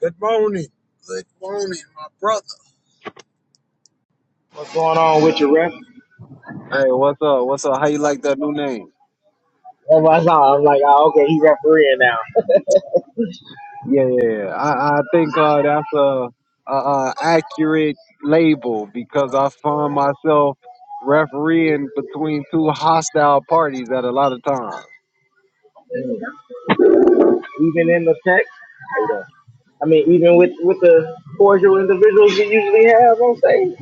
Good morning. Good morning, my brother. What's going on with your ref? Hey, what's up? What's up? How you like that new name? That's what I saw. I'm like, oh, okay, he's refereeing now. Yeah, yeah, yeah. I, I think uh, that's a, a, a accurate label because I find myself refereeing between two hostile parties at a lot of times. even in the text, I mean, even with with the cordial individuals you usually have on stage.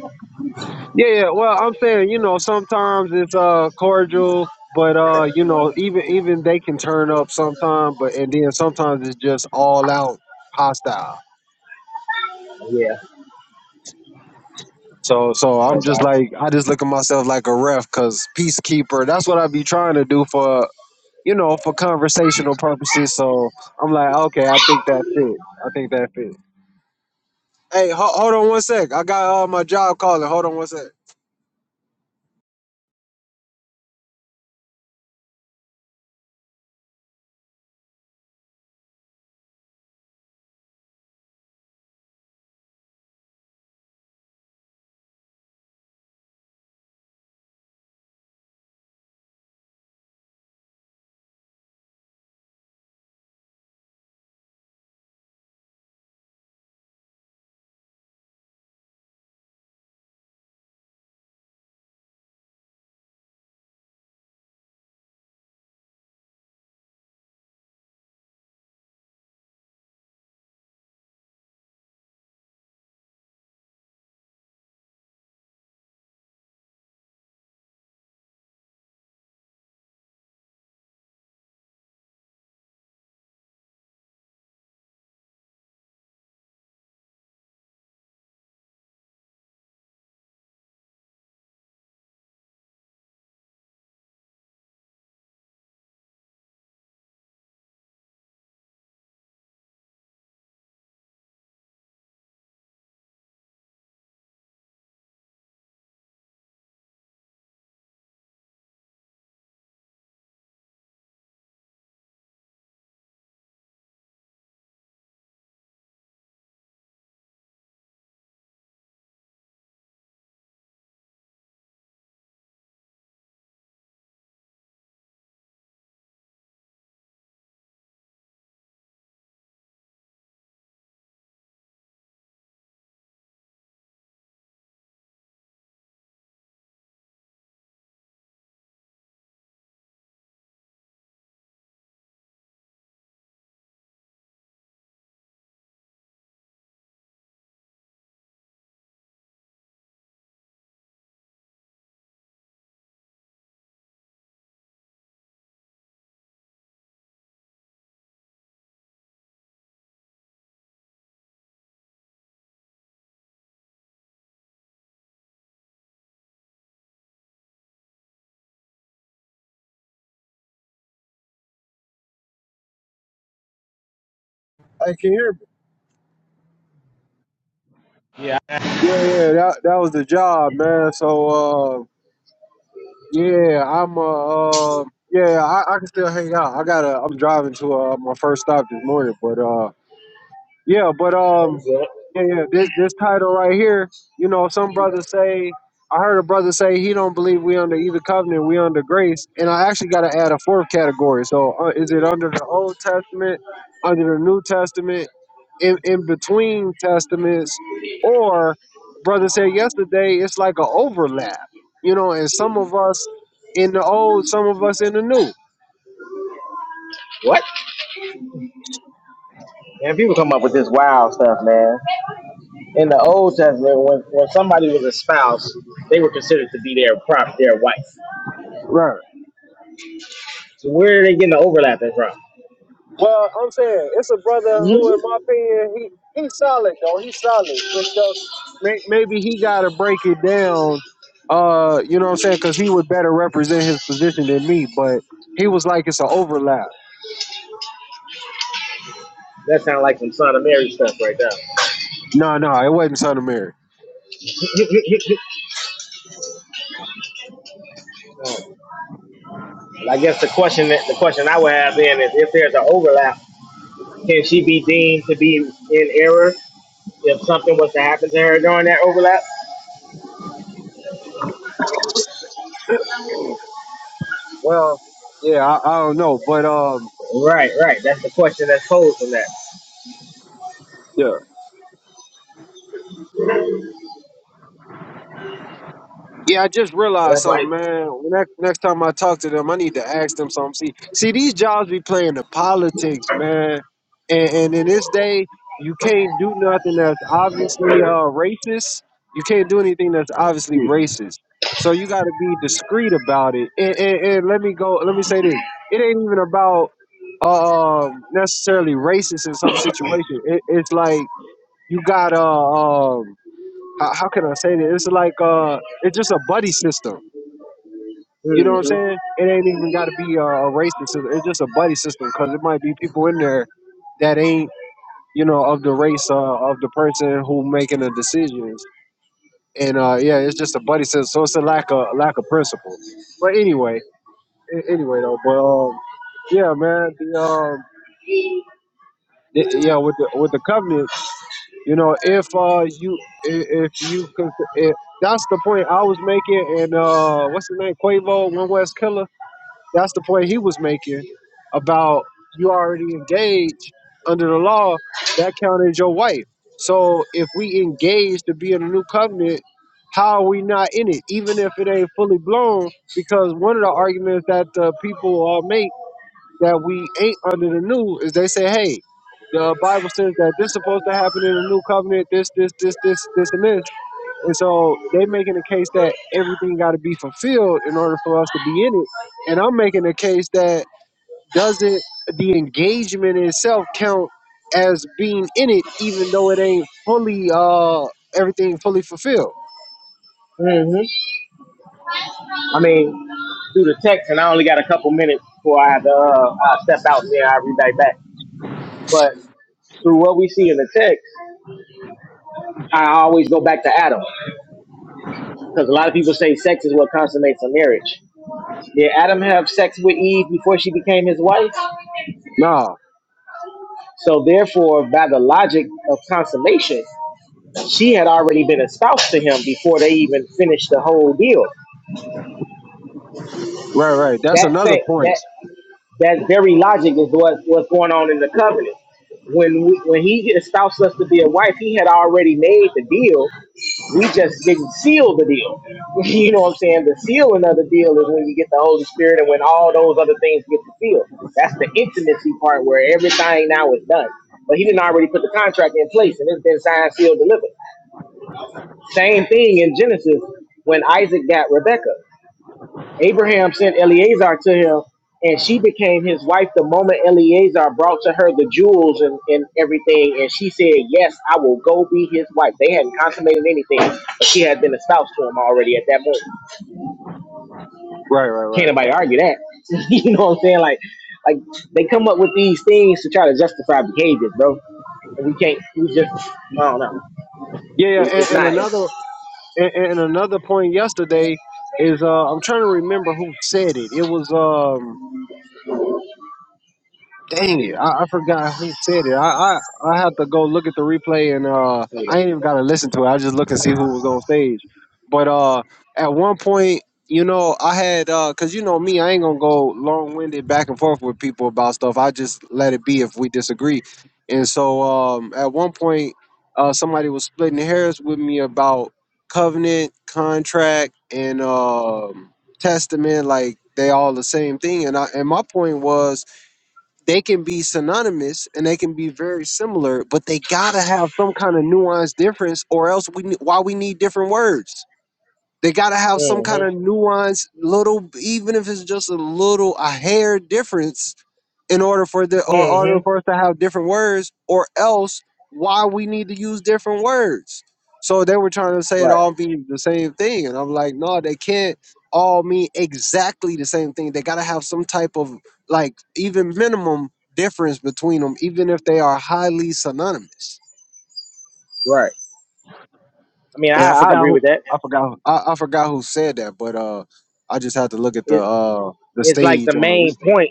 Yeah, yeah. Well, I'm saying you know sometimes it's uh cordial, but uh you know even even they can turn up sometimes, but and then sometimes it's just all out hostile. Yeah, So so no I'm doubt. just like I just look at myself like a ref because peacekeeper. That's what I be trying to do for you know for conversational purposes. So I'm like, okay, I think that fit. I think that fit. Hey, ho- hold on one sec. I got uh, my job calling. Hold on one sec. Hey, can you hear me? Yeah. Yeah, yeah. That that was the job, man. So uh, yeah, I'm uh, uh yeah, I, I can still hang out. I gotta. I'm driving to uh, my first stop this morning, but uh. Yeah, but um, Yeah. yeah, yeah. This this title right here, you know, some brothers say. I heard a brother say he don't believe we under either covenant, we under grace, and I actually got to add a fourth category. So, uh, is it under the Old Testament, under the New Testament, in in between testaments, or brother said yesterday it's like a overlap, you know, and some of us in the old, some of us in the new. What? Man, people come up with this wild stuff, man. In the Old Testament, when, when somebody was a spouse, they were considered to be their prop, their wife. Right. So where are they getting the overlapping from? Well, I'm saying it's a brother who, in my opinion, he he's solid though. He's solid. It's just may, maybe he got to break it down. Uh, you know what I'm saying? Because he would better represent his position than me. But he was like, it's an overlap. that sounds like some Son of Mary stuff right No, no, it wasn't Son of Mary. there. I guess the question that the question I would have then is if there's an overlap, can she be deemed to be in error if something was to happen to her during that overlap? Well, yeah, I, I don't know, but um, Right, right. That's the question that's posed from that. yeah. Yeah, I just And realized that's like, something, man. Next, next time I talk to them, I need to ask them something. See, see, these jobs be playing the politics, man. And, and in this day, you can't do nothing that's obviously uh, racist. You can't do anything that's obviously racist. So you got to be discreet about it. And, and, and let me go. Let me say this: it ain't even about um, necessarily racist in some situation. It, it's like you got to how, how can I say this? It's like uh, it's just a buddy system. You know what I'm mm-hmm, saying? It ain't even got to be a, a racist. system. It's just a buddy system because it might be people in there that ain't you know of the race uh, of the person who making the decisions. And uh, yeah, it's just a buddy system. So it's a lack of lack of principle. But anyway, a- anyway though. But um, yeah, man. The um, the, yeah, with the with the covenant. You know, if uh you i- if you could, if, that's the point I was making, and uh, what's the name, Quavo, One West Killer. That's the point he was making about you already engaged under the law. That counted as your wife. So if we engage to be in a new covenant, how are we not in it? Even if it ain't fully blown, because one of the arguments that uh, people uh, make that we ain't under the new is they say, hey, the Bible says that this is supposed to happen in the new covenant, this, this, this, this, this, and this. And so they making a case that everything got to be fulfilled in order for us to be in it. And I'm making a case that doesn't the engagement itself count as being in it, even though it ain't fully uh everything fully fulfilled. mm-hmm. I mean, through the text, and I only got a couple minutes before I have to uh, I step out and then I'll be right back. But through what we see in the text, I always go back to Adam because a lot of people say sex is what consummates a marriage. Did Adam have sex with Eve before she became his wife? Nah, So therefore, by the logic of consummation, she had already been espoused to him before they even finished the whole deal. right, right. That's That another thing, point. that that very logic is what what's going on in the covenant. When we, when he espoused us to be a wife, he had already made the deal We just didn't seal the deal. You know what I'm saying? The sealing of the deal is when you get the Holy Spirit and when all those other things get to seal. That's the intimacy part where everything now is done. But he didn't already put the contract in place and it's been signed, sealed, delivered. Same thing in Genesis when Isaac got Rebekah. Abraham sent Eleazar to him, and she became his wife the moment Eleazar brought to her the jewels and, and everything. And she said, Yes, I will go be his wife. They hadn't consummated anything, but she had been a spouse to him already at that point. Right, right, Can't right. nobody argue that. you know what I'm saying? Like, like they come up with these things to try to justify behavior, bro. And we can't, we just, I don't know. Yeah, yeah. It, And, it's and not, it's, another And, and another point yesterday is uh, I'm trying to remember who said it. It was um, Dang it, I, I forgot who said it. I, I I have to go look at the replay and uh I anyway. ain't even gotta listen to it. I just look and see who was on stage. But uh at one point, you know, I had uh cause you know me, I ain't gonna go long winded back and forth with people about stuff. I just let it be if we disagree. And so um at one point uh somebody was splitting hairs with me about covenant, contract, and um testament, like they all the same thing. And I and my point was they can be synonymous and they can be very similar, but they gotta have some kind of nuanced difference, or else we ne- why we need different words. They gotta have some kind of Mm-hmm. nuanced little, even if it's just a little a hair difference in order for the or order Mm-hmm. for us to have different words or else why we need to use different words so they were trying to say it Right, all means the same thing and i'm like no they can't all mean exactly the same thing they gotta have some type of like even minimum difference between them even if they are highly synonymous right. I mean, and I, i I forgot agree who with that. i forgot who- i, I forgot who said that but uh i just had to look at the It's, uh the it's like the stage on the main replay point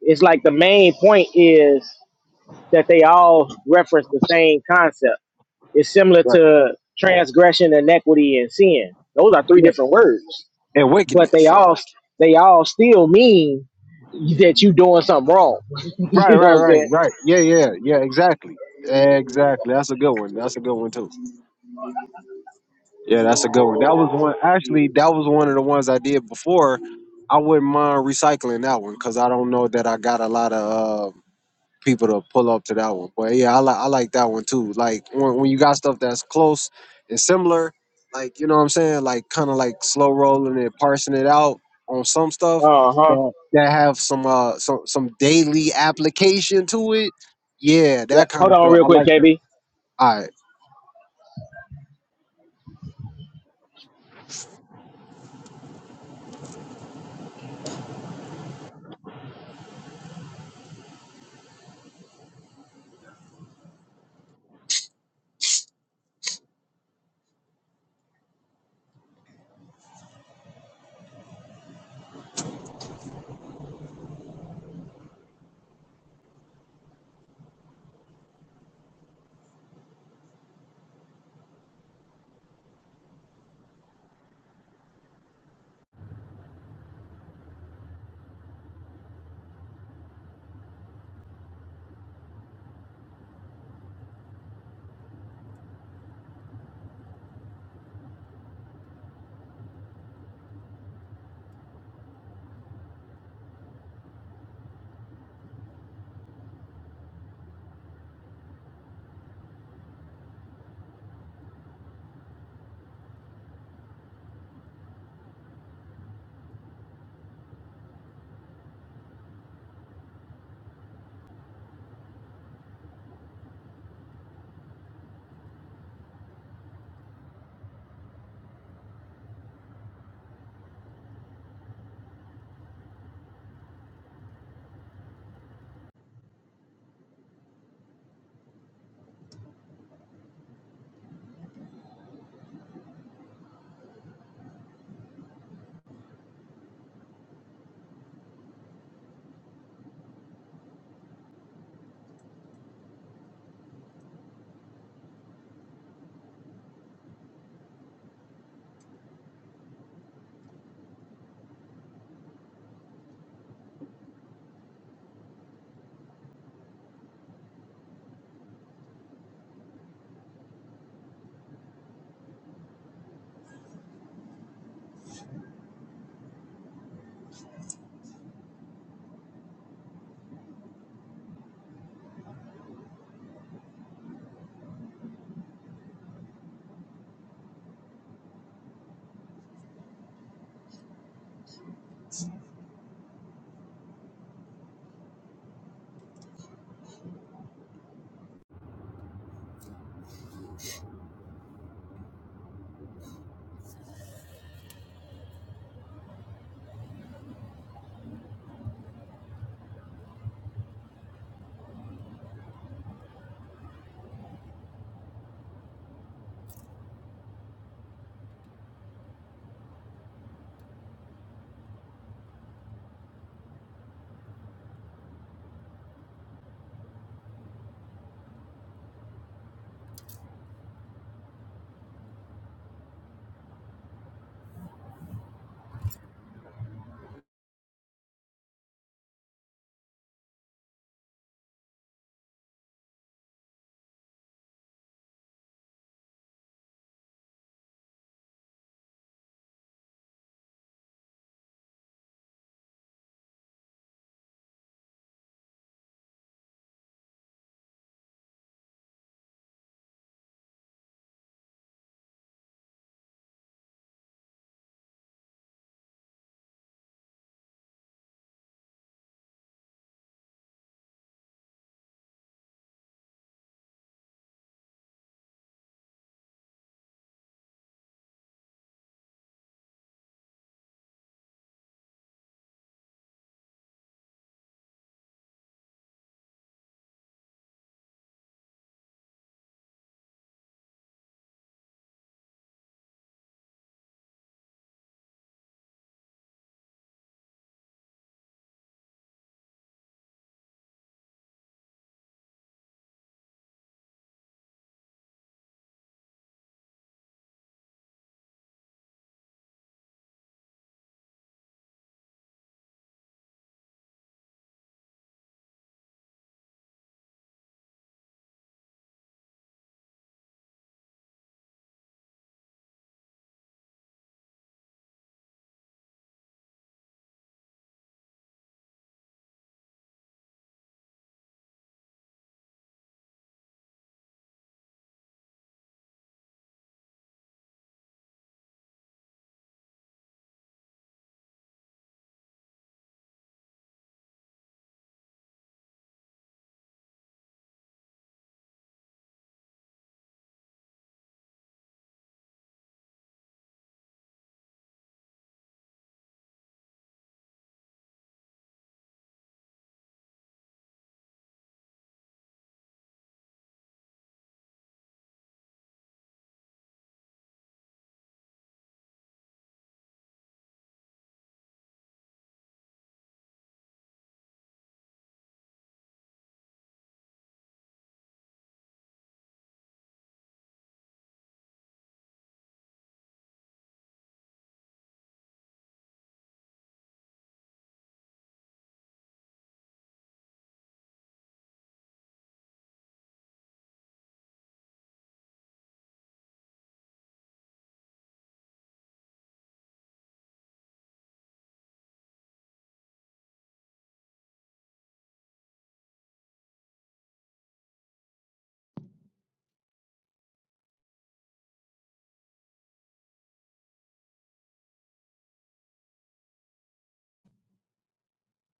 it's like the main point is that they all reference the same concept. It's similar right to transgression, inequity, and sin. Those are three yeah different words, and but they wickedness all they all still mean that you doing something wrong. Right, you know right, what I'm right, saying? right. Yeah, yeah, yeah. Exactly, exactly. That's a good one. That's a good one too. Yeah, that's a good one. That was one. Actually, that was one of the ones I did before. I wouldn't mind recycling that one because I don't know that I got a lot of. uh, people to pull up to that one. But yeah, I like I like that one too. Like when, when you got stuff that's close and similar, like you know what I'm saying, like kind of like slow rolling and parsing it out on some stuff Uh huh. that that have some uh some some daily application to it. Yeah, Yeah. that kind Hold of on, stuff. real I quick, like that. KB. All right.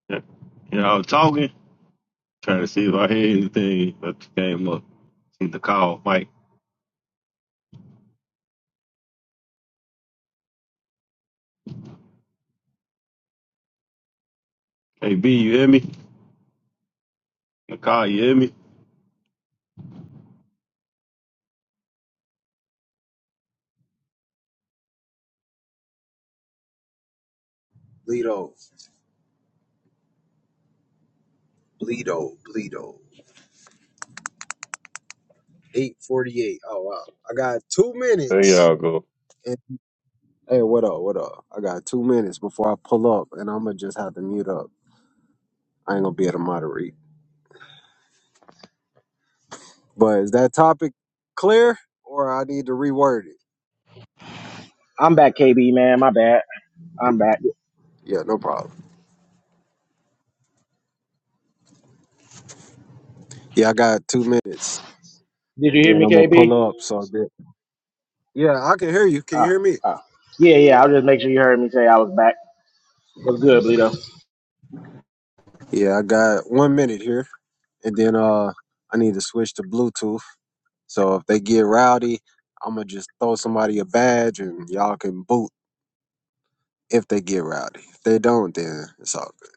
Yeah, you know, I was talking, trying to see if I heard anything that came up. See the call, Mike. KB, you hear me? The call, you hear me? Bleedo, Bleedo, Bleedo. 848. Oh, wow. I got two There minutes. y'all go. And- Hey, what up? What up? I got two minutes before I pull up, and I'm gonna just have to mute up. I ain't gonna be able to moderate. But is that topic clear or I need to reword it? I'm back, KB. Man, my bad. I'm back. Yeah, no problem. Yeah, I got two minutes Did you and hear then me, I'm gonna KB? pull up so that Yeah, I can hear you. Can you Ah, hear me? ah. Yeah, yeah. I'll just make sure you heard me say I was back. What's good, Bleedo? Yeah, I got one minute here and then uh I need to switch to Bluetooth. So if they get rowdy, I'ma just throw somebody a badge and y'all can boot if they get rowdy. If they don't, then it's all good.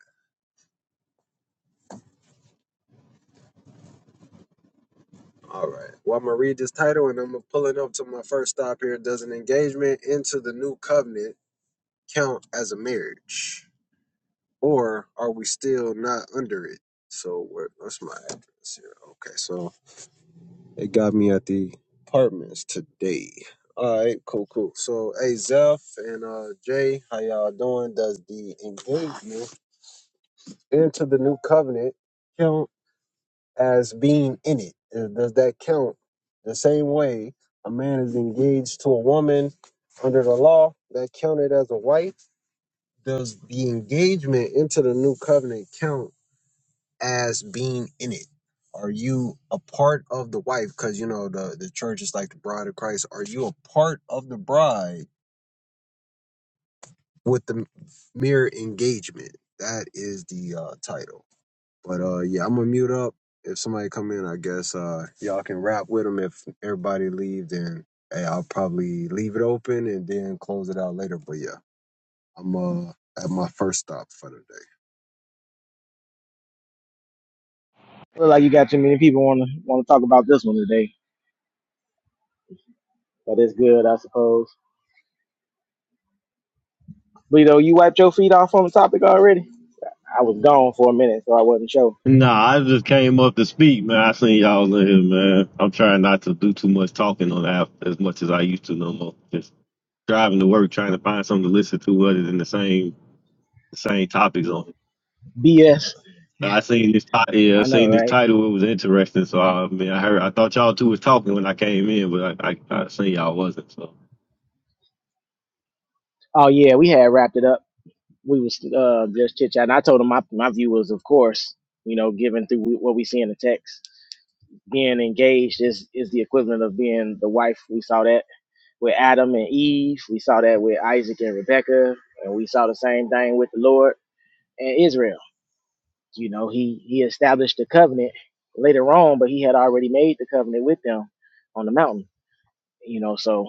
All right. Well, I'm gonna read this title and I'm gonna pull it up to my first stop here. Does an engagement into the new covenant count as a marriage? or are we still not under it? So where, what's my address here? Okay, so it got me at the apartments today. All right, cool, cool. So hey, Zeph and uh Jay, how y'all doing? Does the engagement into the new covenant count as being in it? Uh, Does that count the same way a man is engaged to a woman under the law that counted as a wife? Does the engagement into the new covenant count? as being in it? Are you a part of the wife? Because you know the the church is like the bride of Christ. Are you a part of the bride with the mere engagement? That is the uh, title. But uh, yeah, I'm gonna mute up. If somebody come in, I guess uh, y'all can rap with them. If everybody leave, then hey, I'll probably leave it open and then close it out later. But yeah, I'm uh, at my first stop for the day. Feel like you got too many people want to want to talk about this one today. But it's good, I suppose. Lito, you wiped your feet off on the topic already? I was gone for a minute, so I wasn't sure. Nah, I just came up to speak, man. I seen y'all in here, man. I'm trying not to do too much talking on the app as much as I used to no more. Just driving to work, trying to find something to listen to other than the same the same topics on it. BS. I seen this, ti- yeah, I I know, seen this right? title. It was interesting, so I, I mean, I heard, I thought y'all two was talking when I came in, but I, I, I seen y'all wasn't. So. Oh yeah, we had wrapped it up. We was uh, just chit chatting. I told him my my view was, of course, you know, given through what we see in the text, being engaged is is the equivalent of being the wife. We saw that with Adam and Eve. We saw that with Isaac and Rebecca, and we saw the same thing with the Lord and Israel. You know, he he established the covenant later on, but he had already made the covenant with them on the mountain. You know, so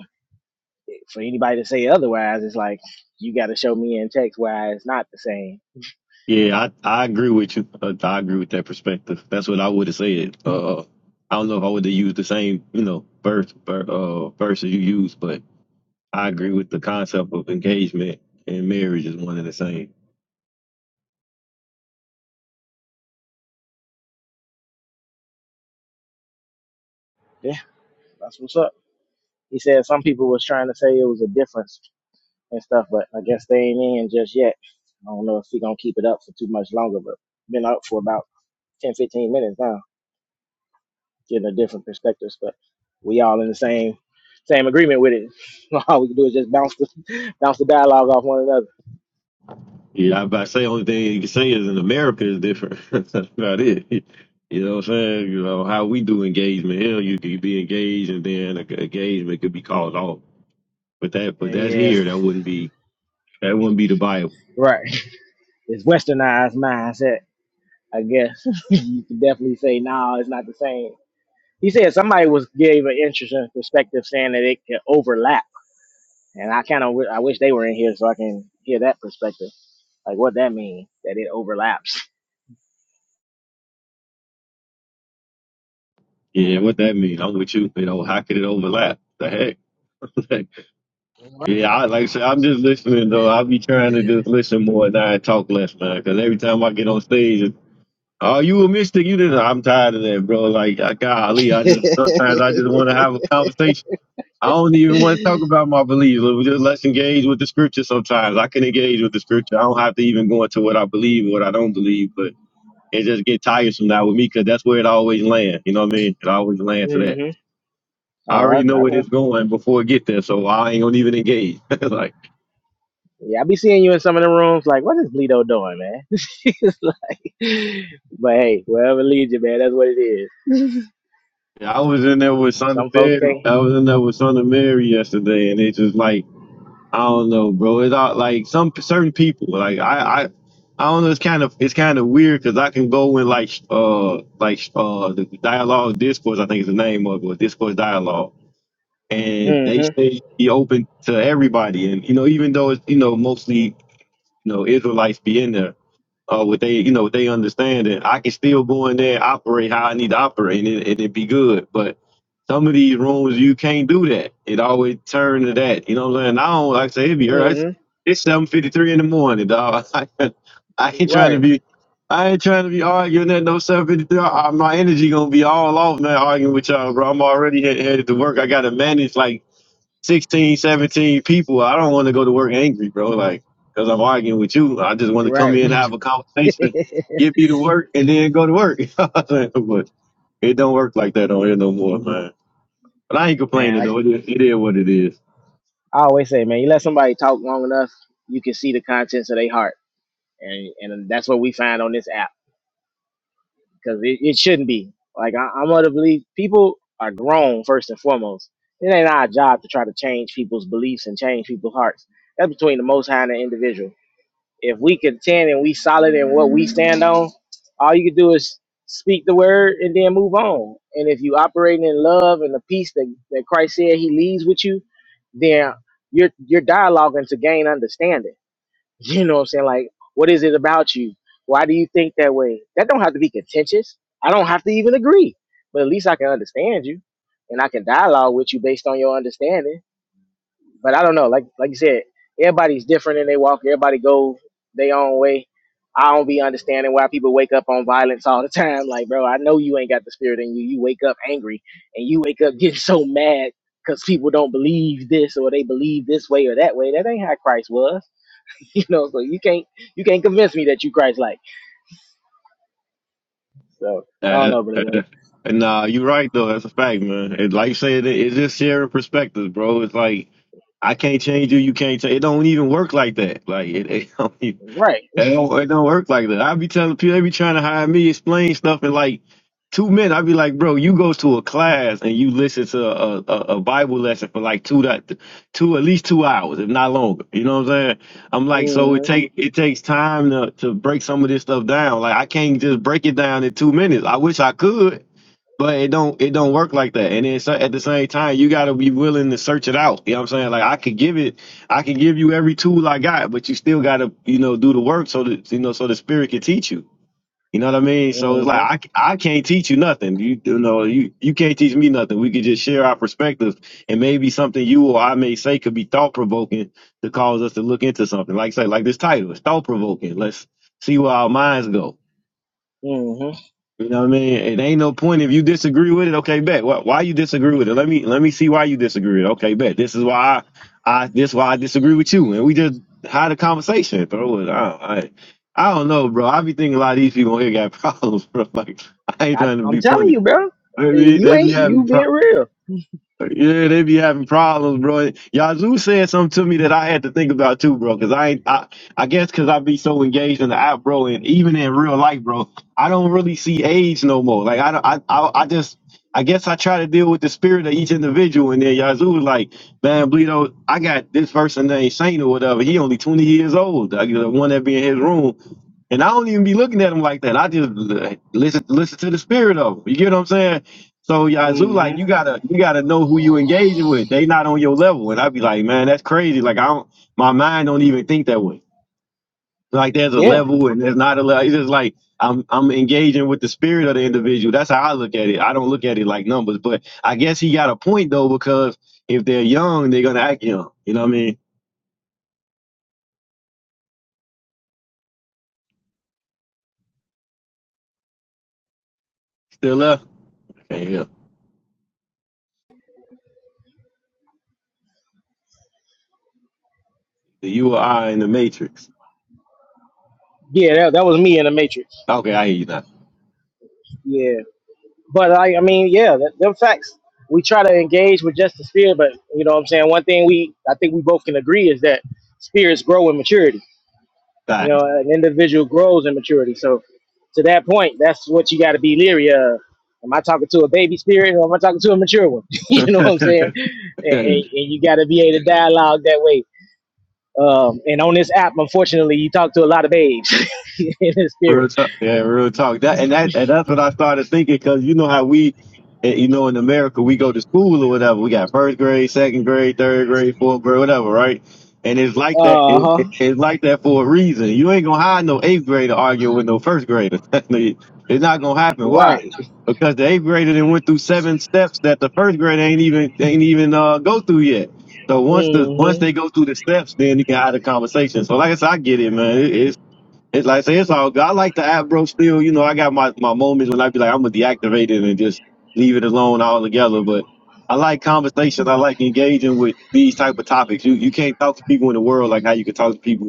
for anybody to say otherwise, it's like you got to show me in text why it's not the same. Yeah, I, I agree with you. Uh, I agree with that perspective. That's what I would have said. Uh, I don't know if I would have used the same, you know, verse, ver- uh, verses you used, but I agree with the concept of engagement and marriage is one and the same. Yeah, that's what's up. He said some people was trying to say it was a difference and stuff, but I guess they ain't in just yet. I don't know if he gonna keep it up for too much longer, but been up for about 10, 15 minutes now. getting a different perspectives, but we all in the same same agreement with it. All we can do is just bounce the bounce the dialogue off one another. Yeah, I, I say only thing you can say is in America is different. That's about it. You know what I'm saying? You know how we do engagement. Hell, you could be engaged and then a- engagement could be called off. But that, but Yeah, that's yeah, here. That wouldn't be that wouldn't be the Bible. right. It's westernized mindset, I guess. you can definitely say, no, it's not the same. He said somebody was gave an interesting perspective, saying that it can overlap, and I kind of w- I wish they were in here so I can hear that perspective, like what that means that it overlaps. Yeah, what that mean? I'm with you. You know, how could it overlap? The heck? Like, yeah, I like I said, I'm just listening though. I be trying to just listen more and I talk less, man. Because every time I get on stage, it's, oh, you a mystic? You didn't? I'm tired of that, bro. Like, I, golly, I just sometimes I just want to have a conversation. I don't even want to talk about my beliefs. Let- Just let's engage with the scripture. Sometimes I can engage with the scripture. I don't have to even go into what I believe, or what I don't believe, but it just get tiresome now with me because that's where it always lands. You know what I mean? It always lands to that. hmm I All right, already know I where know. it's going before it get there, so I ain't gonna even engage. like Yeah, I be seeing you in some of the rooms. Like, what is Bleedo doing, man? It's like, but hey, wherever leads you, man, that's what it is. yeah, I was in there with Son of Some folks Mary. can't. I was in there with Son of Mary yesterday, and it's just like I don't know, bro. It's all, like some certain people. Like I, I, I don't know. It's kind of it's kind of weird because I can go in like sh- uh like sh- uh the dialogue discourse. I think is the name of it, or discourse dialogue. And they Mm-hmm. say be open to everybody, and you know, even though it's you know mostly you know Israelites be in there, uh, what they, you know, what they understand that I can still go in there and operate how I need to operate and it, and it be good. But some of these rooms, you can't do that. It always turn to that. You know what I'm saying? I don't, like I say, it be early. It's, Mm-hmm. it's 7.53 in the morning, dog. I, ain't trying to Right. be, I ain't trying to be arguing at no 7.53. I, I- my energy going to be all off, man, arguing with y'all, bro. I'm already head, headed to work. I got to manage, like, 16, 17 people. I don't want to go to work angry, bro. Like, because I'm arguing with you. I just want to come Right. in, have a conversation, get me to work, and then go to work. You know what I'm saying? but it don't work like that on here no more, man. But I ain't man, complaining, like though. It, is, it is what it is. I always say, man, you let somebody talk long enough, you can see the contents of their heart, and and that's what we find on this app because it, it shouldn't be. Like I, I'm of the belief people are grown first and foremost. It ain't our job to try to change people's beliefs and change people's hearts. That's between the Most High and the individual. If we contend and we solid in what we stand on, all you can do is speak the word and then move on. And if you operating in love and the peace that, that Christ said he leaves with you, then you're you're dialoguing to gain understanding. You know what I'm saying? Like, what is it about you? Why do you think that way? That don't have to be contentious. I don't have to even agree. But at least I can understand you and I can dialogue with you based on your understanding but I don't know. Like like you said, everybody's different in their walk. Everybody goes their own way. I don't be understanding why people wake up on violence all the time. Like, bro, I know you ain't got the spirit in you. You wake up angry and you wake up getting so mad because people don't believe this or they believe this way or that way. That ain't how Christ was. You know, so you can't you can't convince me that you Christ like. So I don't Uh, know, uh, brother. uh, and nah, you're right, though. That's a fact, man. It, like you said, it, it's just sharing perspectives, bro. It's like, I can't change you. You can't change. It don't even work like that. Like, it, it don't even. Right. It don't, it don't work like that. I be telling people, they be trying to hire me, explain stuff in like two minutes. I be like, bro, you go to a class and you listen to a, a, a Bible lesson for like two, to- two, at least two hours, if not longer. You know what I'm saying? I'm like, so it Mm-hmm. take, it takes time to, to break some of this stuff down. Like I can't just break it down in two minutes. I wish I could, but it don't it don't work like that. And then so- at the same time, you gotta be willing to search it out. You know what I'm saying? Like I could give it, I could give you every tool I got, but you still gotta you know do the work so that you know so the spirit can teach you. You know what I mean? So it's like Mm-hmm. I I c- I can't teach you nothing. You, you know you you can't teach me nothing. We could just share our perspectives and maybe something you or I may say could be thought provoking to cause us to look into something. Like say like this title, it's thought provoking. Let's see where our minds go. hmm You know what I mean? It ain't no point if you disagree with it. Okay, bet. Why, why you disagree with it? Let me let me see why you disagree with it. Okay, bet. This is why I, I this why I disagree with you, and we just had a conversation, bro. I, I I don't know, bro. I be thinking a lot of these people here got problems, bro. Like I ain't I, trying to I'm be telling funny. you, bro. They be, You they be ain't you having problems. being real. Yeah, they be having problems, bro. Yazoo said something to me that I had to think about too, bro. Cause I, ain't, I, I guess, cause I be so engaged in the app, bro, and even in real life, bro, I don't really see age no more. Like I, don't, I, I, I just, I guess I try to deal with the spirit of each individual, and then Yazoo was like, man, Bleedo, I got this person named Saint or whatever. He only twenty years old. Like, the one that be in his room, and I don't even be looking at him like that. I just uh, listen, listen to the spirit of him. You get what I'm saying? So Yazoo, like Mm-hmm. you gotta you gotta know who you engaging with. They not on your level. And I'd be like, man, that's crazy. Like I don't my mind don't even think that way. Like there's a Yeah. level and there's not a level. It's just like I'm I'm engaging with the spirit of the individual. That's how I look at it. I don't look at it like numbers. But I guess he got a point though, because if they're young, they're gonna act young. You know what I mean? Still left. Okay, yeah. The you or I in the matrix. Yeah, that, that was me in the Matrix. Okay, I hear you now. Yeah, but I, I mean, yeah, that, them facts. We try to engage with just the spirit, but you know what I'm saying. One thing we, I think we both can agree is that spirits grow in maturity. You know, an individual grows in maturity. So, to that point, that's what you got to be leery of. Am I talking to a baby spirit or am I talking to a mature one? All you know what I'm saying? And, and, right. and you got to be able to dialogue that way. Um, and on this app, unfortunately, you talk to a lot of babes in the spirit. Real talk, yeah, real talk. That and that and that's what I started thinking because you know how we, eh, you know, in America we go to school or whatever. We got first grade, second grade, third grade, fourth grade, whatever, right? And it's like that. Uh It, huh. it- it's like that for a reason. You ain't gonna hire no eighth grader arguing with no first grader. it's not gonna happen. Why? Right. Because the eighth grader then went through seven steps that the first grader ain't even ain't even uh go through yet. So once the once they Mm-hmm. go through the steps, then you can have a conversation. So like I said, I get it, man. It, it's like I say, it's all good. I like the app, bro. Still, you know, I got my, my moments when I be like, I'm gonna deactivate it and just leave it alone altogether. But I like conversation. I like engaging with these type of topics. You you can't talk to people in the world like how you can talk to people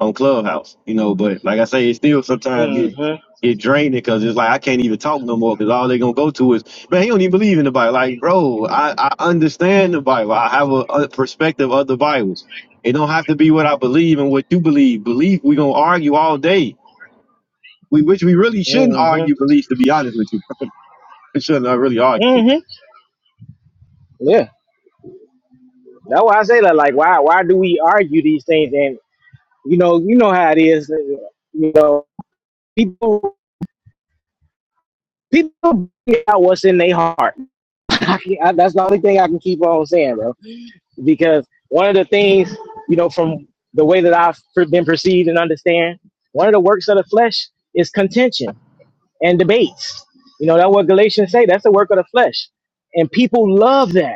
on Clubhouse, you know. But like I say, it still sometimes get Mm-hmm. get draining because it's like I can't even talk no more because all they gonna go to is man, he don't even believe in the Bible. Like, bro, I I understand the Bible. I have a, a perspective of the Bible. It don't have to be what I believe and what you believe. Belief, we gonna argue all day. We which we really shouldn't argue Mm-hmm. beliefs. To be honest with you, we shouldn't uh, really argue. Mm-hmm. Yeah. That's why I say that. Like, why? Why do we argue these things? And you know, you know how it is. uh, You know, people people bring out what's in their heart. I can, I, that's the only thing I can keep on saying, bro. Because one of the things, you know, from the way that I've per- been perceived and understand, one of the works of the flesh is contention and debates. You know, that's what Galatians say. That's the work of the flesh, and people love that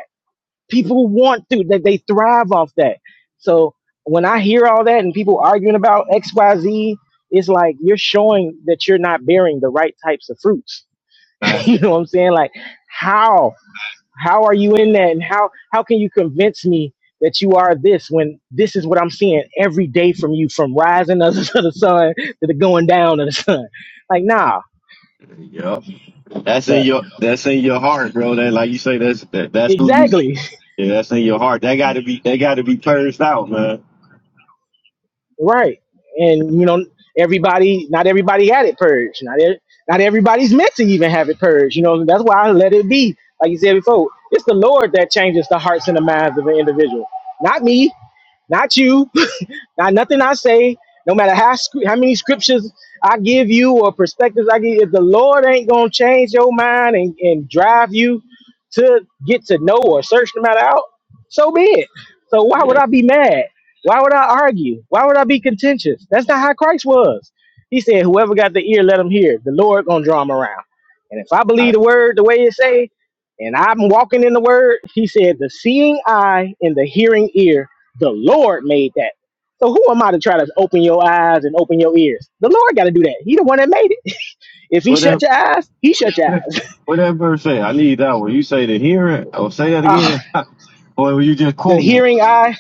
people want to that they thrive off that so when i hear all that and people arguing about xyz it's like you're showing that you're not bearing the right types of fruits Right. you know what i'm saying like how how are you in that and how how can you convince me that you are this when this is what i'm seeing every day from you from rising of the, of the sun to the going down of the sun like nah Yup. That's in but your that's in your heart, bro. That like you say, that's that, that's who you exactly yeah, that's in your heart. That gotta be that gotta be purged out, man. Right. And you know, everybody not everybody had it purged. Not e- not everybody's meant to even have it purged. You know, that's why I let it be. Like you said before, it's the Lord that changes the hearts and the minds of an individual. Not me, not you. Now, nothing I say, no matter how scr- how many scriptures I give you or perspectives I give you, if the Lord ain't gonna change your mind and, and drive you to get to know or search the matter out, so be it. So why would Yeah. I be mad? Why would I argue? Why would I be contentious? That's not how Christ was. He said, "Whoever got the ear, let him hear. The Lord gonna draw him around." And if I I, believe the word the way it say, and I'm walking in the word, he said, "The seeing eye and the hearing ear, the Lord made that." So who am I to try to open your eyes and open your ears? The Lord got to do that. He the one that made it. If He shut whatever. your eyes, He shut your eyes. Whatever verse say, I need that one. You say to hear it, or say that Ah, again, or were you just the quoting it? hearing eye,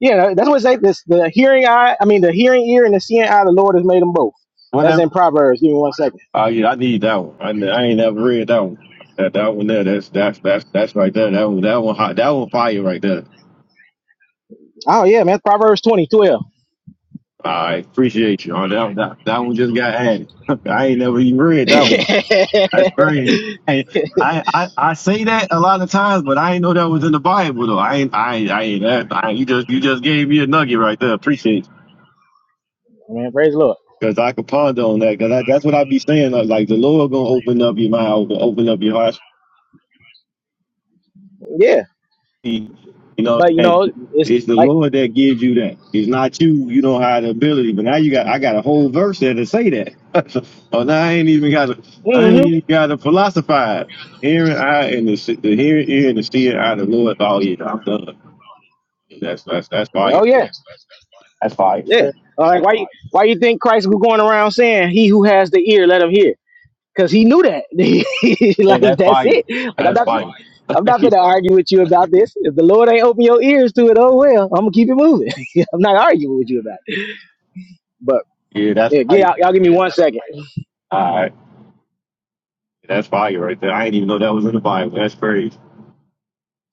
you know, that's what it say. This the hearing eye. I mean, the hearing ear and the seeing eye. The Lord has made them both. That's Whatever. in Proverbs. Give me one second. Oh yeah, I need that one. I, n- I ain't never read that one. That that one there, that's that's that's that's right there. That one, that one, hot. That one fire right there. Oh yeah, man. Proverbs twenty twelve. I appreciate you. Oh, that that that one just got added. I ain't never even read that one. man, That's crazy. Hey, I, I I say that a lot of times, but I ain't know that was in the Bible though. I ain't I ain't, I ain't that. I, you just you just gave me a nugget right there. Appreciate. it. praise the Lord. Cause I could ponder on that. Cause that's what I be saying. Like like the Lord gonna open up your mind, open up your heart. Yeah, You know, what but I'm you saying know, it's it's the like, Lord that gives you that. It's not you. You don't have the ability. But now you got. I got a whole verse there to say that. so oh, now I ain't even got. to I hmm ain't even got to philosophize. Hearing I and the, se- the hearing ear and the seeing I the Lord. Oh yeah, I'm done. That's that's that's fire. oh yeah, That's fire. yeah. Uh, Like why you why you think Christ was going around saying, "He who has the ear, let him hear." because he knew that. Yeah, like that's that's fire. it. Like I'm That's not, fire. I'm not gonna argue with you about this. If the Lord ain't open your ears to it, oh well, I'm gonna keep it moving. I'm not arguing with you about it. But yeah, that's yeah, yeah, fire. y'all, y'all give me one second. All right. That's fire right there. I didn't even know that was in the Bible. That's crazy.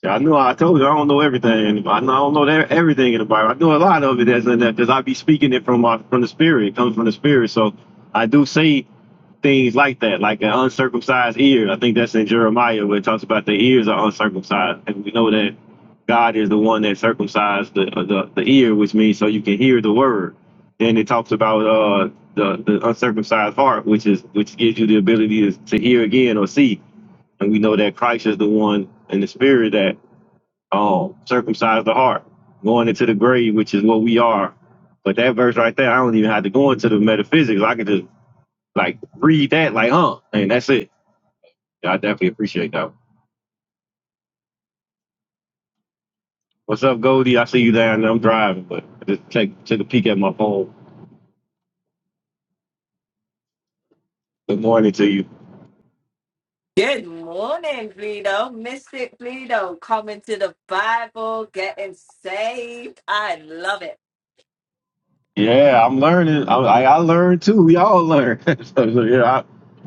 Yeah, I knew. I told you I don't know everything. I don't know everything in the Bible. I know a lot of it that's in that because I be speaking it from my from the spirit. It comes from the spirit, so I do say things like that, like an uncircumcised ear. I think that's in Jeremiah where it talks about the ears are uncircumcised, and we know that God is the one that circumcised the uh, the, the ear, which means so you can hear the word. Then it talks about uh the, the uncircumcised heart, which is which gives you the ability to, to hear again or see and we know that Christ is the one in the spirit that um, circumcised the heart, going into the grave, which is what we are. But that verse right there, I don't even have to go into the metaphysics. I can just like read that, like, huh, and that's it. Yeah, I definitely appreciate that. What's up, Goldie? I see you down there. I'm driving, but I just take take a peek at my phone. Good morning to you. Good morning, Bleedo. Mystic Bleedo coming to the Bible, getting saved. I love it. Yeah, I'm learning. I, I I learn too. We all learn. so, so, yeah,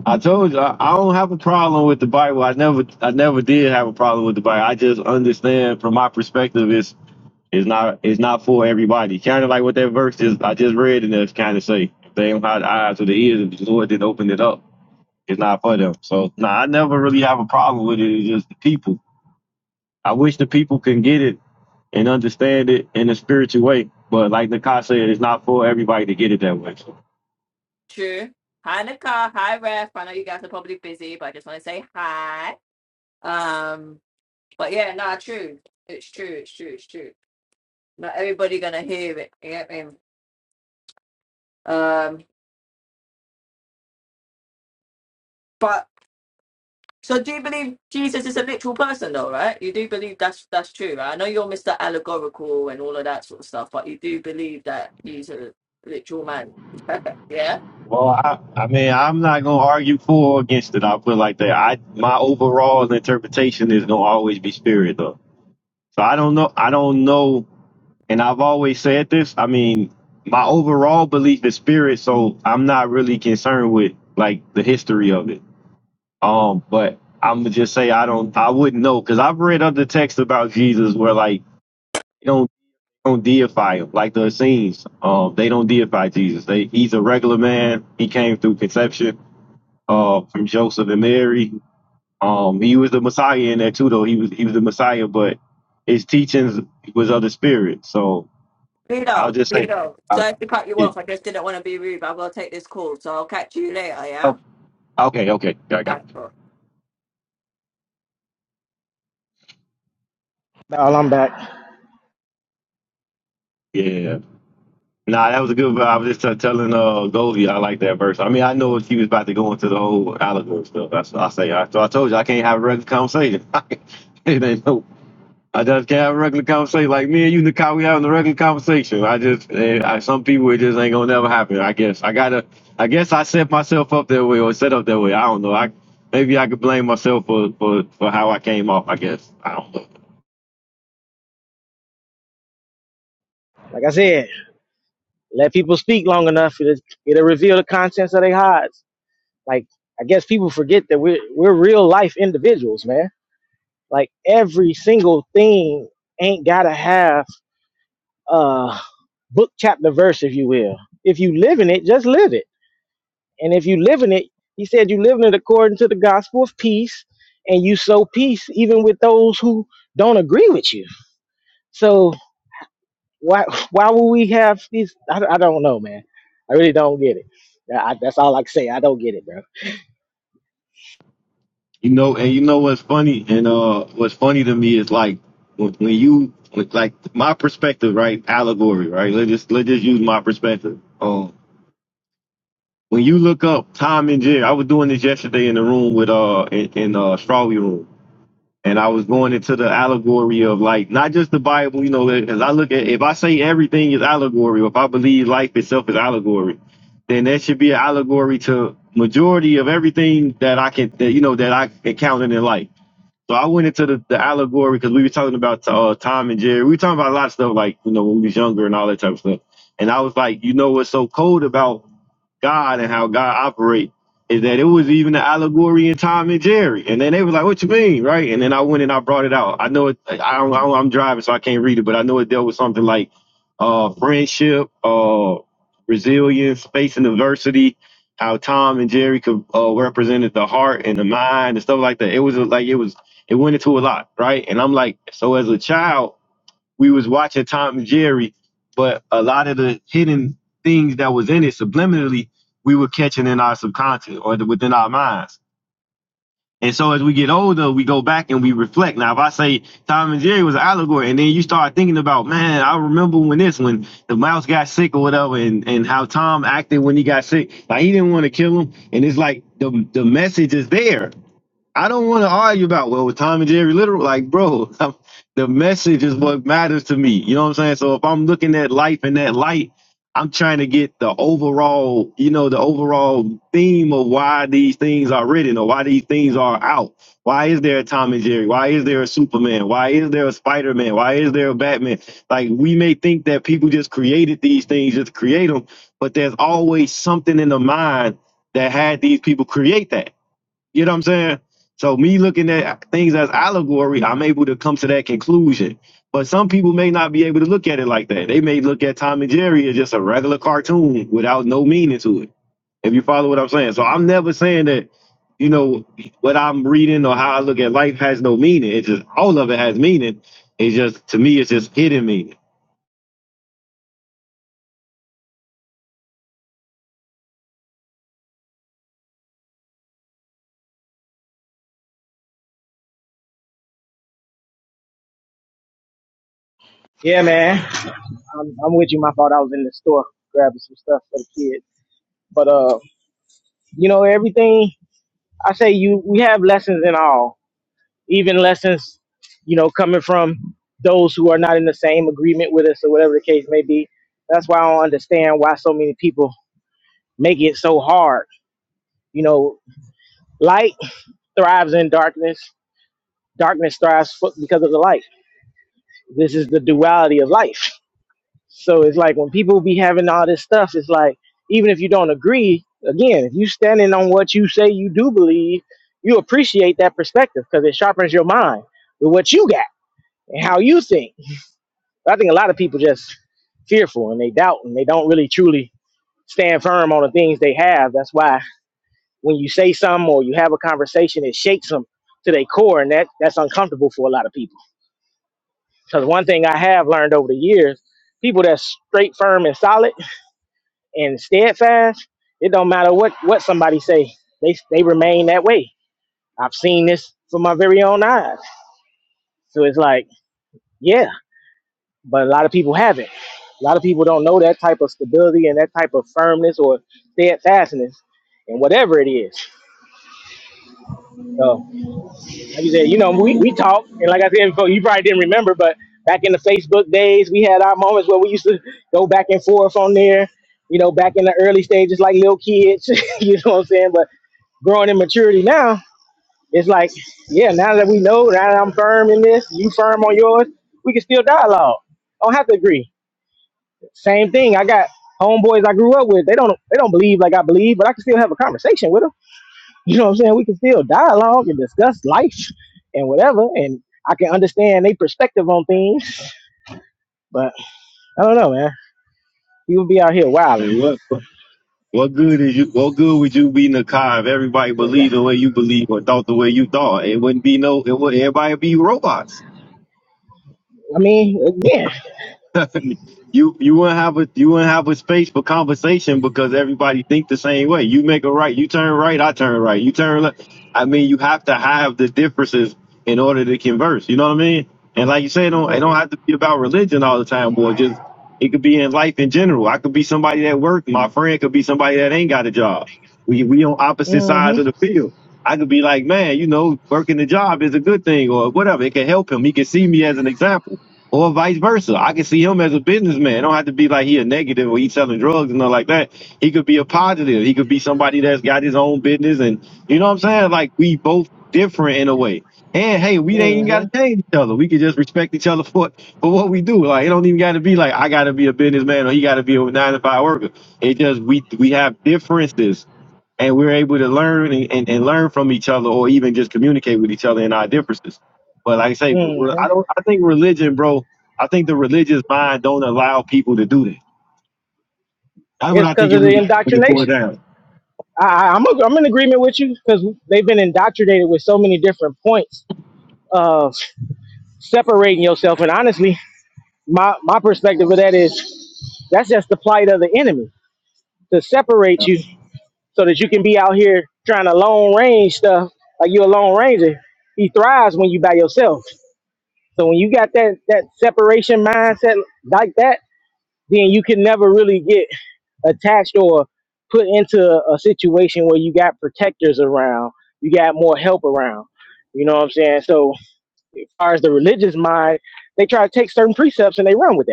I, I told you I, I don't have a problem with the Bible. I never I never did have a problem with the Bible. I just understand from my perspective it's it's not it's not for everybody. Kind of like what that verse is I just read and it's kind of say if they don't have the eyes or the ears, if the Lord didn't open it up, it's not for them. So no, I never really have a problem with it. It's just the people. I wish the people can get it and understand it in a spiritual way. But like Nakai said, it's not for everybody to get it that way. so. True. Hi, Nicole. Hi, Ref. I know you guys are probably busy, but I just want to say hi. Um, but yeah, nah, true. It's true. It's true. It's true. Not everybody gonna hear it. You get me? Um, but so do you believe Jesus is a literal person, though? Right? You do believe that's that's true, right? I know you're Mr. Allegorical and all of that sort of stuff, but you do believe that he's a literal man. Yeah. Well, I, I mean, I'm not gonna argue for or against it. I'll put it like that. I my overall interpretation is gonna always be spirit though. So I don't know. I don't know. And I've always said this. I mean, my overall belief is spirit. So I'm not really concerned with like the history of it. Um, but I'm gonna just say I don't. I wouldn't know because I've read other texts about Jesus where like they don't don't deify him like the Essenes. Um, they don't deify Jesus. They he's a regular man. He came through conception uh, from Joseph and Mary. Um, he was the Messiah in there too, though. He was he was the Messiah, but his teachings was of the Spirit. So I'll Vito, just say, Vito. I, Sorry to cut you yeah. off. I just didn't want to be rude, but I will take this call. So I'll catch you later, Oh, yeah? okay, okay, Yeah, I got. That's all. All I'm back. It. Yeah, nah, that was a good. I was just t- telling uh Goldie, I like that verse. I mean, I know she was about to go into the whole allegory stuff. That's what I say. I, so I told you I can't have a regular conversation. it ain't no. I just can have a regular conversation, like me and you, Nikai. We having a regular conversation. I just, eh, I, some people it just ain't gonna never happen. I guess I gotta, I guess I set myself up that way or set up that way. I don't know. I maybe I could blame myself for for for how I came off. I guess I don't know. Like I said, let people speak long enough. It'll, it'll reveal the contents of their hearts. Like I guess people forget that we're we're real life individuals, man. Like every single thing ain't gotta have uh book chapter verse, if you will. If you live in it, just live it And if you live in it, he said you live in it according to the gospel of peace, and you sow peace even with those who don't agree with you. So why why would we have these? I, I don't know, man. I really don't get it. I, that's all I can say. I don't get it, bro. You know, and you know what's funny, and uh, what's funny to me is like when, when you like my perspective, right? Allegory, right? Let's just let's just use my perspective. Um, when you look up Tom and Jerry, I was doing this yesterday in the room with uh in, in uh Strawberry room and I was going into the allegory of like not just the Bible, you know, because I look at if I say everything is allegory, or if I believe life itself is allegory, then that should be an allegory to majority of everything that I can, that, you know, that I encountered in life. So I went into the, the allegory because we were talking about uh, Tom and Jerry. We were talking about a lot of stuff like you know when we was younger and all that type of stuff. And I was like, you know, what's so cold about God and how God operates is that it was even an allegory in Tom and Jerry. And then they was like, "What you mean?" Right? And then I went and I brought it out. I know it. like, I don't, I don't, I'm driving, so I can't read it, but I know it dealt with something like uh, friendship, uh, resilience, facing adversity. How Tom and Jerry could uh, represented the heart and the mind and stuff like that. It was uh, like it was. It went into a lot, right? And I'm like, so as a child we was watching Tom and Jerry, but a lot of the hidden things that was in it subliminally, we were catching in our subconscious or the, within our minds. And so as we get older, we go back and we reflect. Now, if I say Tom and Jerry was an allegory, and then you start thinking about, man, I remember when this, when the mouse got sick or whatever, and, and how Tom acted when he got sick. Like he didn't want to kill him. And it's like the, the message is there I don't want to argue about well with Tom and Jerry literal like bro I'm, the message is what matters to me you know what I'm saying so if I'm looking at life in that light I'm trying to get the overall you know the overall theme of why these things are written or why these things are out why is there a Tom and Jerry why is there a Superman why is there a Spider-Man why is there a Batman like we may think that people just created these things just to create them but there's always something in the mind that had these people create that you know what I'm saying? So me looking at things as allegory, I'm able to come to that conclusion. But some people may not be able to look at it like that. They may look at Tom and Jerry as just a regular cartoon without no meaning to it. If you follow what I'm saying. So I'm never saying that, you know, what I'm reading or how I look at life has no meaning. It's just all of it has meaning. It's just to me, it's just hidden meaning. Yeah, man. I'm, I'm with you. My fault. I was in the store grabbing some stuff for the kids. But uh, you know everything. I say you we have lessons in all. even lessons, you know, coming from those who are not in the same agreement with us or whatever the case may be. That's why I don't understand why so many people make it so hard. You know, light thrives in darkness. Darkness thrives fo- because of the light. This is the duality of life. So it's like when people be having all this stuff, it's like even if you don't agree, again, if you standing on what you say you do believe, you appreciate that perspective because it sharpens your mind with what you got and how you think. I think a lot of people just fearful and they doubt and they don't really truly stand firm on the things they have. That's why when you say something or you have a conversation, it shakes them to their core, and that that's uncomfortable for a lot of people. Because one thing I have learned over the years, people that's straight, firm, and solid and steadfast, it don't matter what what somebody say, they they remain that way. I've seen this from my very own eyes. So it's like, yeah. but a lot of people haven't. A lot of people don't know that type of stability and that type of firmness or steadfastness and whatever it is. So, like you said, you know, we, we talk, and like I said before, you probably didn't remember, but back in the Facebook days, we had our moments where we used to go back and forth on there, you know, back in the early stages, like little kids, you know what I'm saying? But growing in maturity now, it's like, yeah, now that we know, now that I'm firm in this, you firm on yours, we can still dialogue. Don't have to agree Same thing. I got homeboys I grew up with. They don't they don't believe like I believe, but I can still have a conversation with them. You know what I'm saying? We can still dialogue and discuss life and whatever, and I can understand their perspective on things. But I don't know, man. You would be out here wilding. And what? What good is you? What good would you be, Nakai, if everybody believed the I way you believe or thought the way you thought? It wouldn't be no. It would. Everybody would be robots. mean, again, you you wouldn't have a you wouldn't have a space for conversation because everybody think the same way. You make a right, you turn right, I turn right, you turn left. I mean, you have to have the differences in order to converse. You know what I mean? And like you say, it don't it don't mm-hmm, have to be about religion all the time, boy. Just it could be in life in general. I could be somebody at work. My friend could be somebody that ain't got a job. We we on opposite sides of mm-hmm, the field. I could be like, man, you know, working the job is a good thing or whatever. It can help him. He can see me as an example or vice versa. I can see him as a businessman. It don't have to be like he a negative or he's selling drugs and nothing like that. He could be a positive. He could be somebody that's got his own business and you know what I'm saying? Like we both different in a way. And hey, we ain't even gotta change each other. We can just respect each other for for what we do. Like it don't even gotta be like I gotta be a businessman or he gotta be a nine to five worker. It just we we have differences and we're able to learn and, and, and learn from each other or even just communicate with each other in our differences but like i say but re- mm-hmm. i don't i think religion bro i think the religious mind don't allow people to do that that's what It's i because think it of the really when it boils indoctrination. down I, I- I'm i I'm in agreement with you because they've been indoctrinated with so many different points of separating yourself. And honestly, my my perspective of that is that's just the plight of the enemy to separate Uh, you so that you can be out here trying to long range stuff like you're a lone ranger. He thrives when you by yourself. So when you got that that separation mindset like that, then you can never really get attached or put into a a situation where you got protectors around, you got more help around. You know what I'm saying? So as far as the religious mind, they try to take certain precepts and they run with that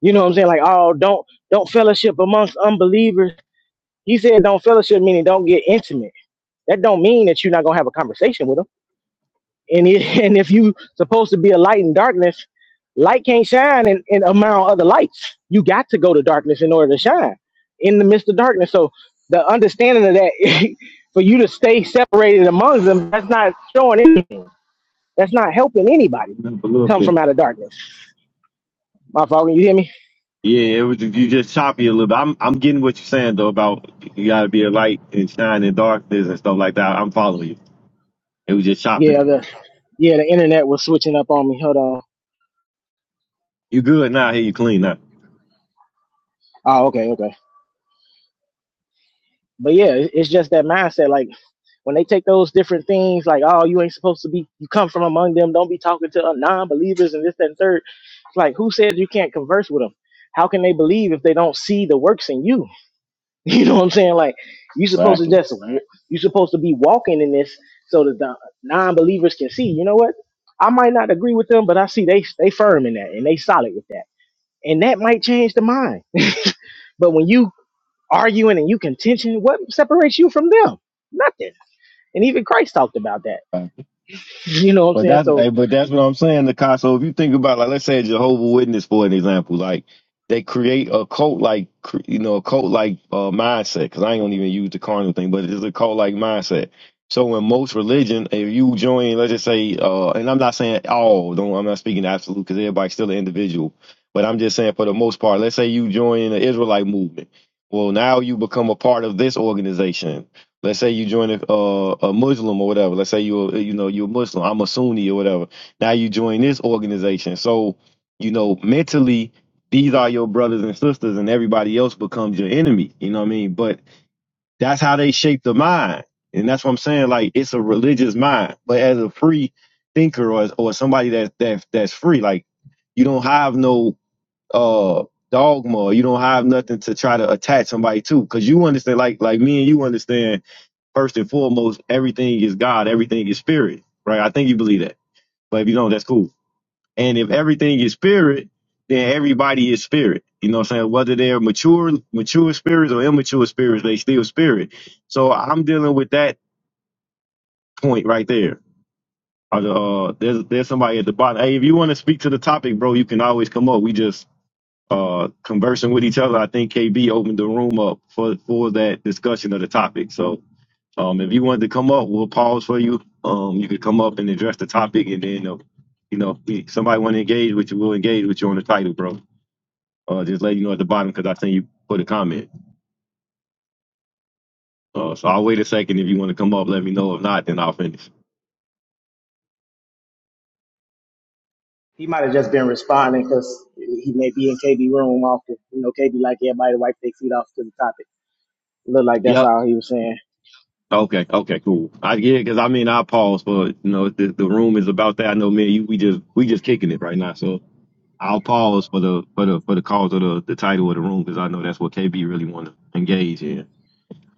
You know what I'm saying? Like, oh, don't don't fellowship amongst unbelievers. He said don't fellowship meaning don't get intimate. That don't mean that you're not gonna have a conversation with them. And it, and if you supposed to be a light in darkness, light can't shine in, in among other lights. You got to go to darkness in order to shine in the midst of darkness. So the understanding of that for you to stay separated among them, that's not showing anything. That's not helping anybody a little come bit from out of darkness. My fault, can you hear me? yeah it was you just choppy a little bit i'm i'm getting what you're saying though about you gotta be a light and shine in darkness and stuff like that i'm following you it was just Yeah, chopping the yeah, the internet was switching up on me. Hold on. you good now here you clean now Oh, okay, okay. But yeah, it- it's just that mindset. Like when they take those different things, like oh, you ain't supposed to be, you come from among them. Don't be talking to uh, non-believers and this that, and third. It's like who says you can't converse with them? How can they believe if they don't see the works in you? You know what I'm saying? Like you supposed to Exactly. just you supposed to be walking in this so that the non-believers can see. You know what? I might not agree with them, but I see they they firm in that and they solid with that, and that might change the mind. But when you arguing and you contention, what separates you from them? Nothing. And even Christ talked about that. Exactly. You know what I'm But saying? that's So hey, but that's what I'm saying, Nakai. So If you think about like let's say a Jehovah Witness for an example, like they create a cult like cr- you know a cult like uh, mindset. Because I ain't gonna even use the carnal thing, but it's a cult like mindset. So in most religion, if you join, let's just say, uh, and I'm not saying all, don't I'm not speaking absolute because everybody's still an individual, but I'm just saying for the most part, let's say you join the Israelite movement. Well, now you become a part of this organization Let's say you join a, uh, a Muslim or whatever. Let's say you're you know you're a Muslim. I'm a Sunni or whatever. Now you join this organization. So you know mentally these are your brothers and sisters, and everybody else becomes your enemy. You know what I mean? But that's how they shape the mind, and that's what I'm saying. Like it's a religious mind, but as a free thinker or or somebody that that that's free, like you don't have no uh dogma. You don't have nothing to try to attach somebody to, because you understand. Like like me and you understand first and foremost, everything is God, everything is spirit, right? I think you believe that. But if you don't, that's cool. And if everything is spirit, then everybody is spirit. You know what I'm saying? Whether they're mature, mature spirits or immature spirits, they still spirit. So I'm dealing with that point right there. Or the, Uh, there's there's somebody at the bottom. Hey, if you want to speak to the topic, bro, you can always come up. We just uh conversing with each other. I think KB opened the room up for for that discussion of the topic. So Um, if you wanted to come up, we'll pause for you. Um, you could come up and address the topic, and then, uh, you know, if somebody want to engage with you, we'll engage with you on the title, bro. Uh, just let you know at the bottom because I seen you put a comment. Uh, so I'll wait a second. If you want to come up, let me know. If not, then I'll finish. he might have just been responding because he may be in KB room often. You know, KB like everybody to wipe their feet off to the topic. Look like that's Yep. all he was saying. Okay. Okay. Cool. I yeah, because I mean, I pause, but you know, the, the room is about that. I know, man. You, we just we just kicking it right now, so I'll pause for the for the for the cause of the the title of the room because I know that's what KB really want to engage in.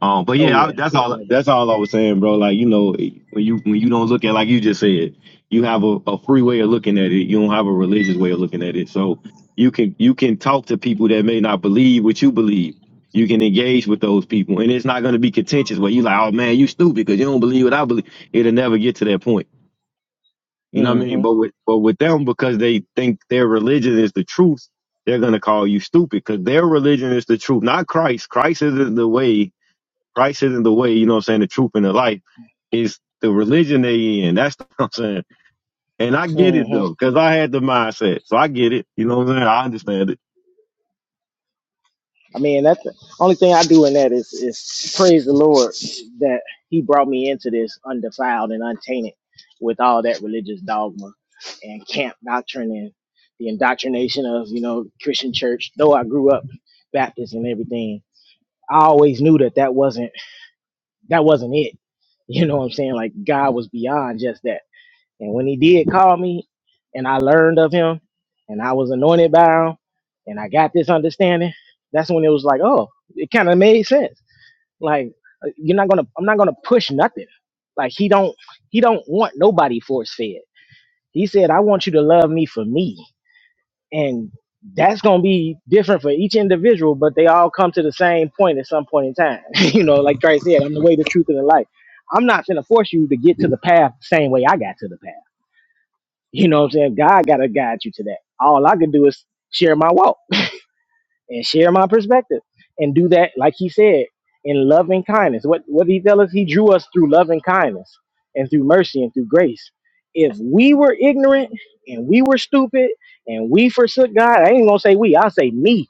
Um, but Oh yeah, I, yeah, that's yeah, all. like that. That's all I was saying, bro. Like you know, when you when you don't look at like you just said, you have a, a free way of looking at it. You don't have a religious way of looking at it. So you can you can talk to people that may not believe what you believe. You can engage with those people, and it's not going to be contentious. Where you like, oh man, you stupid because you don't believe what I believe. It'll never get to that point. You know what I mean? But Mm-hmm. with but with them because they think their religion is the truth, they're going to call you stupid because their religion is the truth, not Christ. Christ is the way Christ isn't the way, you know what I'm saying, the truth and the life. It's the religion they in. That's what I'm saying. And I get it Mm-hmm. though, because I had the mindset. So I get it. You know what I'm saying? I understand it. I mean, that's the only thing I do in that is is praise the Lord that He brought me into this undefiled and untainted with all that religious dogma and camp doctrine and the indoctrination of you know Christian church. Though I grew up Baptist and everything, I always knew that that wasn't that wasn't it. You know what I'm saying? Like God was beyond just that. And when he did call me and I learned of him and I was anointed by him and I got this understanding, that's when it was like, oh, it kind of made sense. Like uh, you're not going to I'm not going to push nothing. Like he don't he don't want nobody force fed. He said, I want you to love me for me. And that's going to be different for each individual, but they all come to the same point at some point in time. you know, like Christ said, I'm the way, the truth, and the life. I'm not going to force you to get to the path the same way I got to the path you know what I'm saying? God got to guide you to that. All I can do is share my walk and share my perspective and do that, like he said, in loving kindness. What, what did he tell us? He drew us through loving kindness and through mercy and through grace. If we were ignorant and we were stupid and we forsook God, I ain't going to say we, I'll say me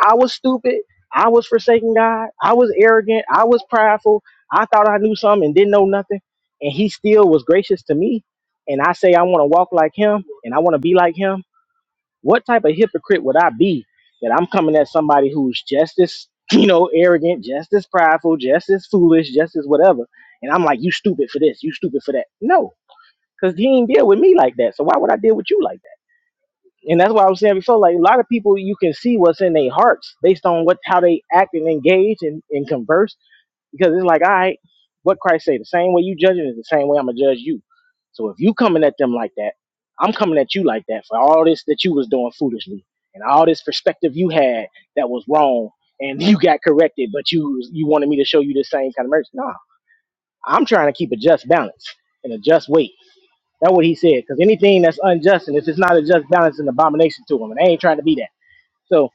I was stupid. I was forsaking God. I was arrogant. I was prideful. I thought I knew something and didn't know nothing. And he still was gracious to me. And I say I want to walk like him and I want to be like him. What type of hypocrite would I be that I'm coming at somebody who's just as, you know, arrogant, just as prideful, just as foolish, just as whatever. And I'm like, you stupid for this, you stupid for that. No, because he ain't deal with me like that. So why would I deal with you like that? and that's why I was saying before, like a lot of people, you can see what's in their hearts based on what how they act and engage and, and converse. Because it's like, all right, what Christ say? The same way you judging is the same way I'm gonna judge you. So if you coming at them like that, I'm coming at you like that for all this that you was doing foolishly and all this perspective you had that was wrong and you got corrected, but you you wanted me to show you the same kind of mercy. Nah, I'm trying to keep a just balance and a just weight that's what he said. Because anything that's unjust, and if it's not a just balance, it's an abomination to him. And I ain't trying to be that. So,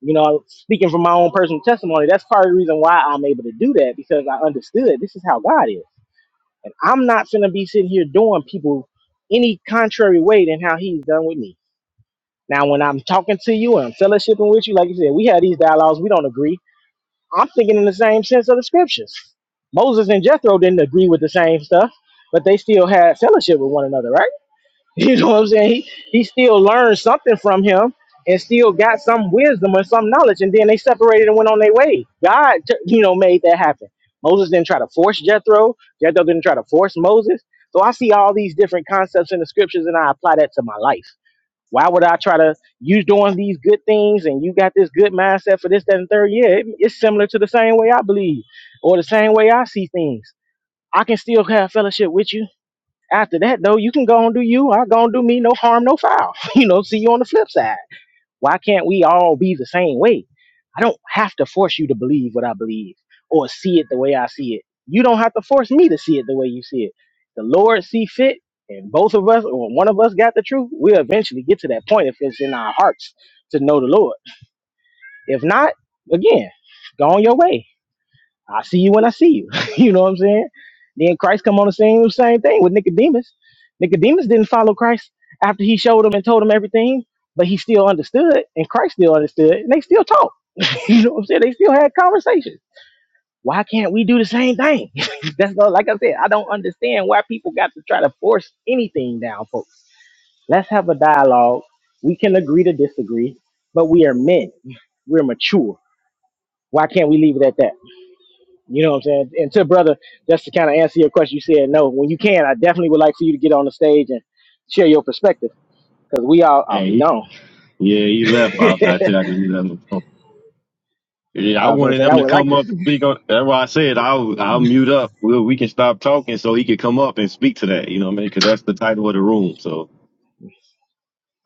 you know, speaking from my own personal testimony, that's part of the reason why I'm able to do that because I understood this is how God is. And I'm not going to be sitting here doing people any contrary way than how he's done with me. Now, when I'm talking to you and I'm fellowshipping with you, like you said, we have these dialogues, we don't agree. I'm thinking in the same sense of the scriptures. Moses and Jethro didn't agree with the same stuff, but they still had fellowship with one another, right? You know what I'm saying? He he still learned something from him and still got some wisdom or some knowledge. And then they separated and went on their way. God, t- you know, made that happen. Moses didn't try to force Jethro. Jethro didn't try to force Moses. So I see all these different concepts in the scriptures and I apply that to my life. Why would I try to, you doing these good things and you got this good mindset for this, that, and third? Yeah, it- it's similar to the same way I believe or the same way I see things. I can still have fellowship with you after that, though, you can go and do you. I go and do me. No harm, no foul. You know, see you on the flip side. Why can't we all be the same way? I don't have to force you to believe what I believe or see it the way I see it. You don't have to force me to see it the way you see it. The Lord see fit, and both of us, or one of us got the truth, we'll eventually get to that point if it's in our hearts to know the Lord. If not, again, go on your way I see you when I see you. you know what I'm saying? Then Christ come on the scene, the same thing with Nicodemus. Nicodemus didn't follow Christ after he showed him and told him everything, but he still understood, and Christ still understood, and they still talked. you know what I'm saying? They still had conversations. Why can't we do the same thing? That's not like I said, I don't understand why people got to try to force anything down, folks. Let's have a dialogue. We can agree to disagree, but we are men. We're mature. Why can't we leave it at that? You know what I'm saying? And to brother, just to kind of answer your question, you said no. When you can, I definitely would like for you to get on the stage and share your perspective because we all, oh, Hey, he he, gone. yeah, he left. I, I tell you, I just knew that was wrong. yeah, I I was gonna wanted say I him to would like come to. up See. and speak on. That's why I said I'll I'll mute up. We we can stop talking so he could come up and speak to that. You know what I mean? Because that's the title of the room. So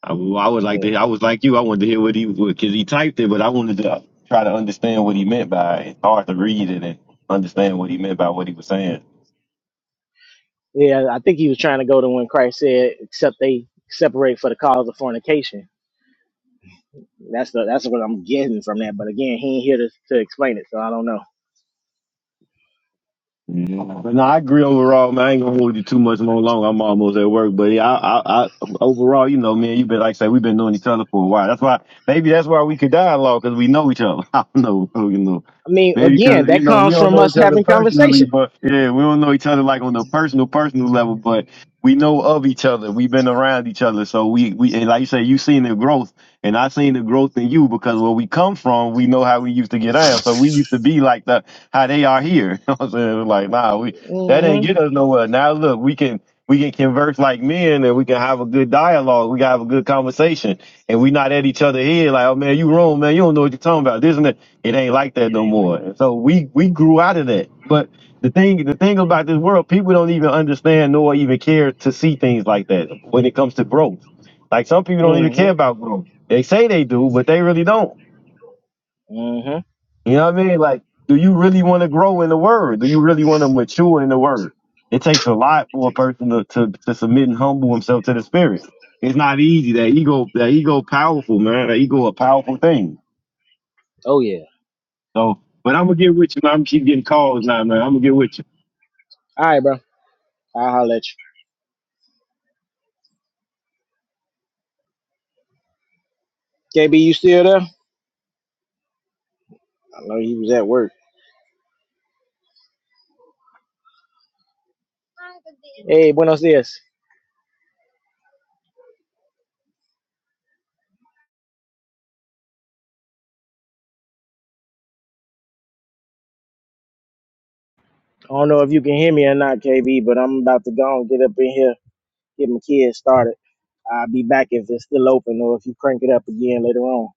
I, well, I would like Yeah, to. I was like you. I wanted to hear what he was because he typed it, but I wanted to try to understand what he meant by. it. It's hard to read it and understand what he meant by what he was saying. yeah. I think he was trying to go to when Christ said, "Except they separate for the cause of fornication." That's the that's what I'm getting from that. But again, he ain't here to, to explain it, so I don't know. Yeah. But no, I agree overall, man. I ain't gonna hold you too much more longer. I'm almost at work, but yeah, I, I, I overall, you know, man, you have been like I say, we've been knowing each other for a while. That's why maybe that's why we could dialogue because we know each other. I don't know, bro, you know, I mean, maybe again, because you that know we comes don't from know us each other having personally, conversation. but yeah, we don't know each other like on the personal, personal level, but we know of each other. We've been around each other, so we, we, and like you say, you seen the growth. And I seen the growth in you because where we come from, we know how we used to get down. So we used to be like the how they are here. You know what I'm saying? It was like, nah, we that ain't Mhm. get us nowhere. Now look, we can we can converse like men and we can have a good dialogue. We can have a good conversation. And we not at each other head like, oh man, you wrong, man. You don't know what you're talking about. This and that. It ain't like that no more. And so we we grew out of that. But the thing the thing about this world, people don't even understand nor even care to see things like that when it comes to growth. Like some people don't even care Mhm. about growth. They say they do, but they really don't. Mhm. You know what I mean? Like, do you really want to grow in the word? Do you really want to mature in the word? It takes a lot for a person to, to, to submit and humble himself to the spirit. It's not easy. That ego, that ego powerful, man. That ego a powerful thing. Oh yeah. So, but I'm gonna get with you, man. I'm gonna keep getting calls now, man. I'm gonna get with you. All right, bro. I'll holler at you. KB, you still there? I know he was at work. Hey, buenos dias. I don't know if you can hear me or not, KB, but I'm about to go and get up in here, get my kids started. I'll be back if it's still open or if you crank it up again later on.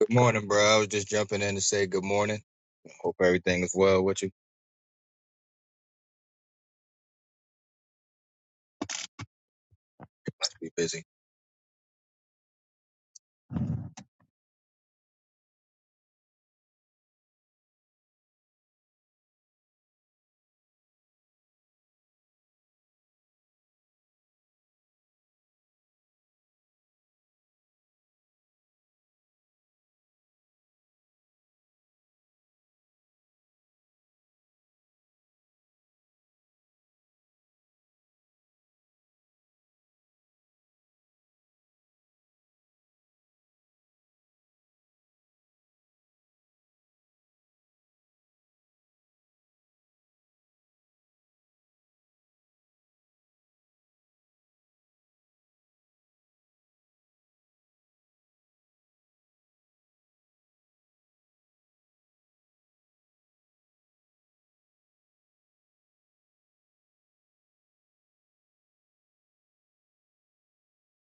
Good morning, bro. I was just jumping in to say good morning. Hope everything is well with you. Must be busy.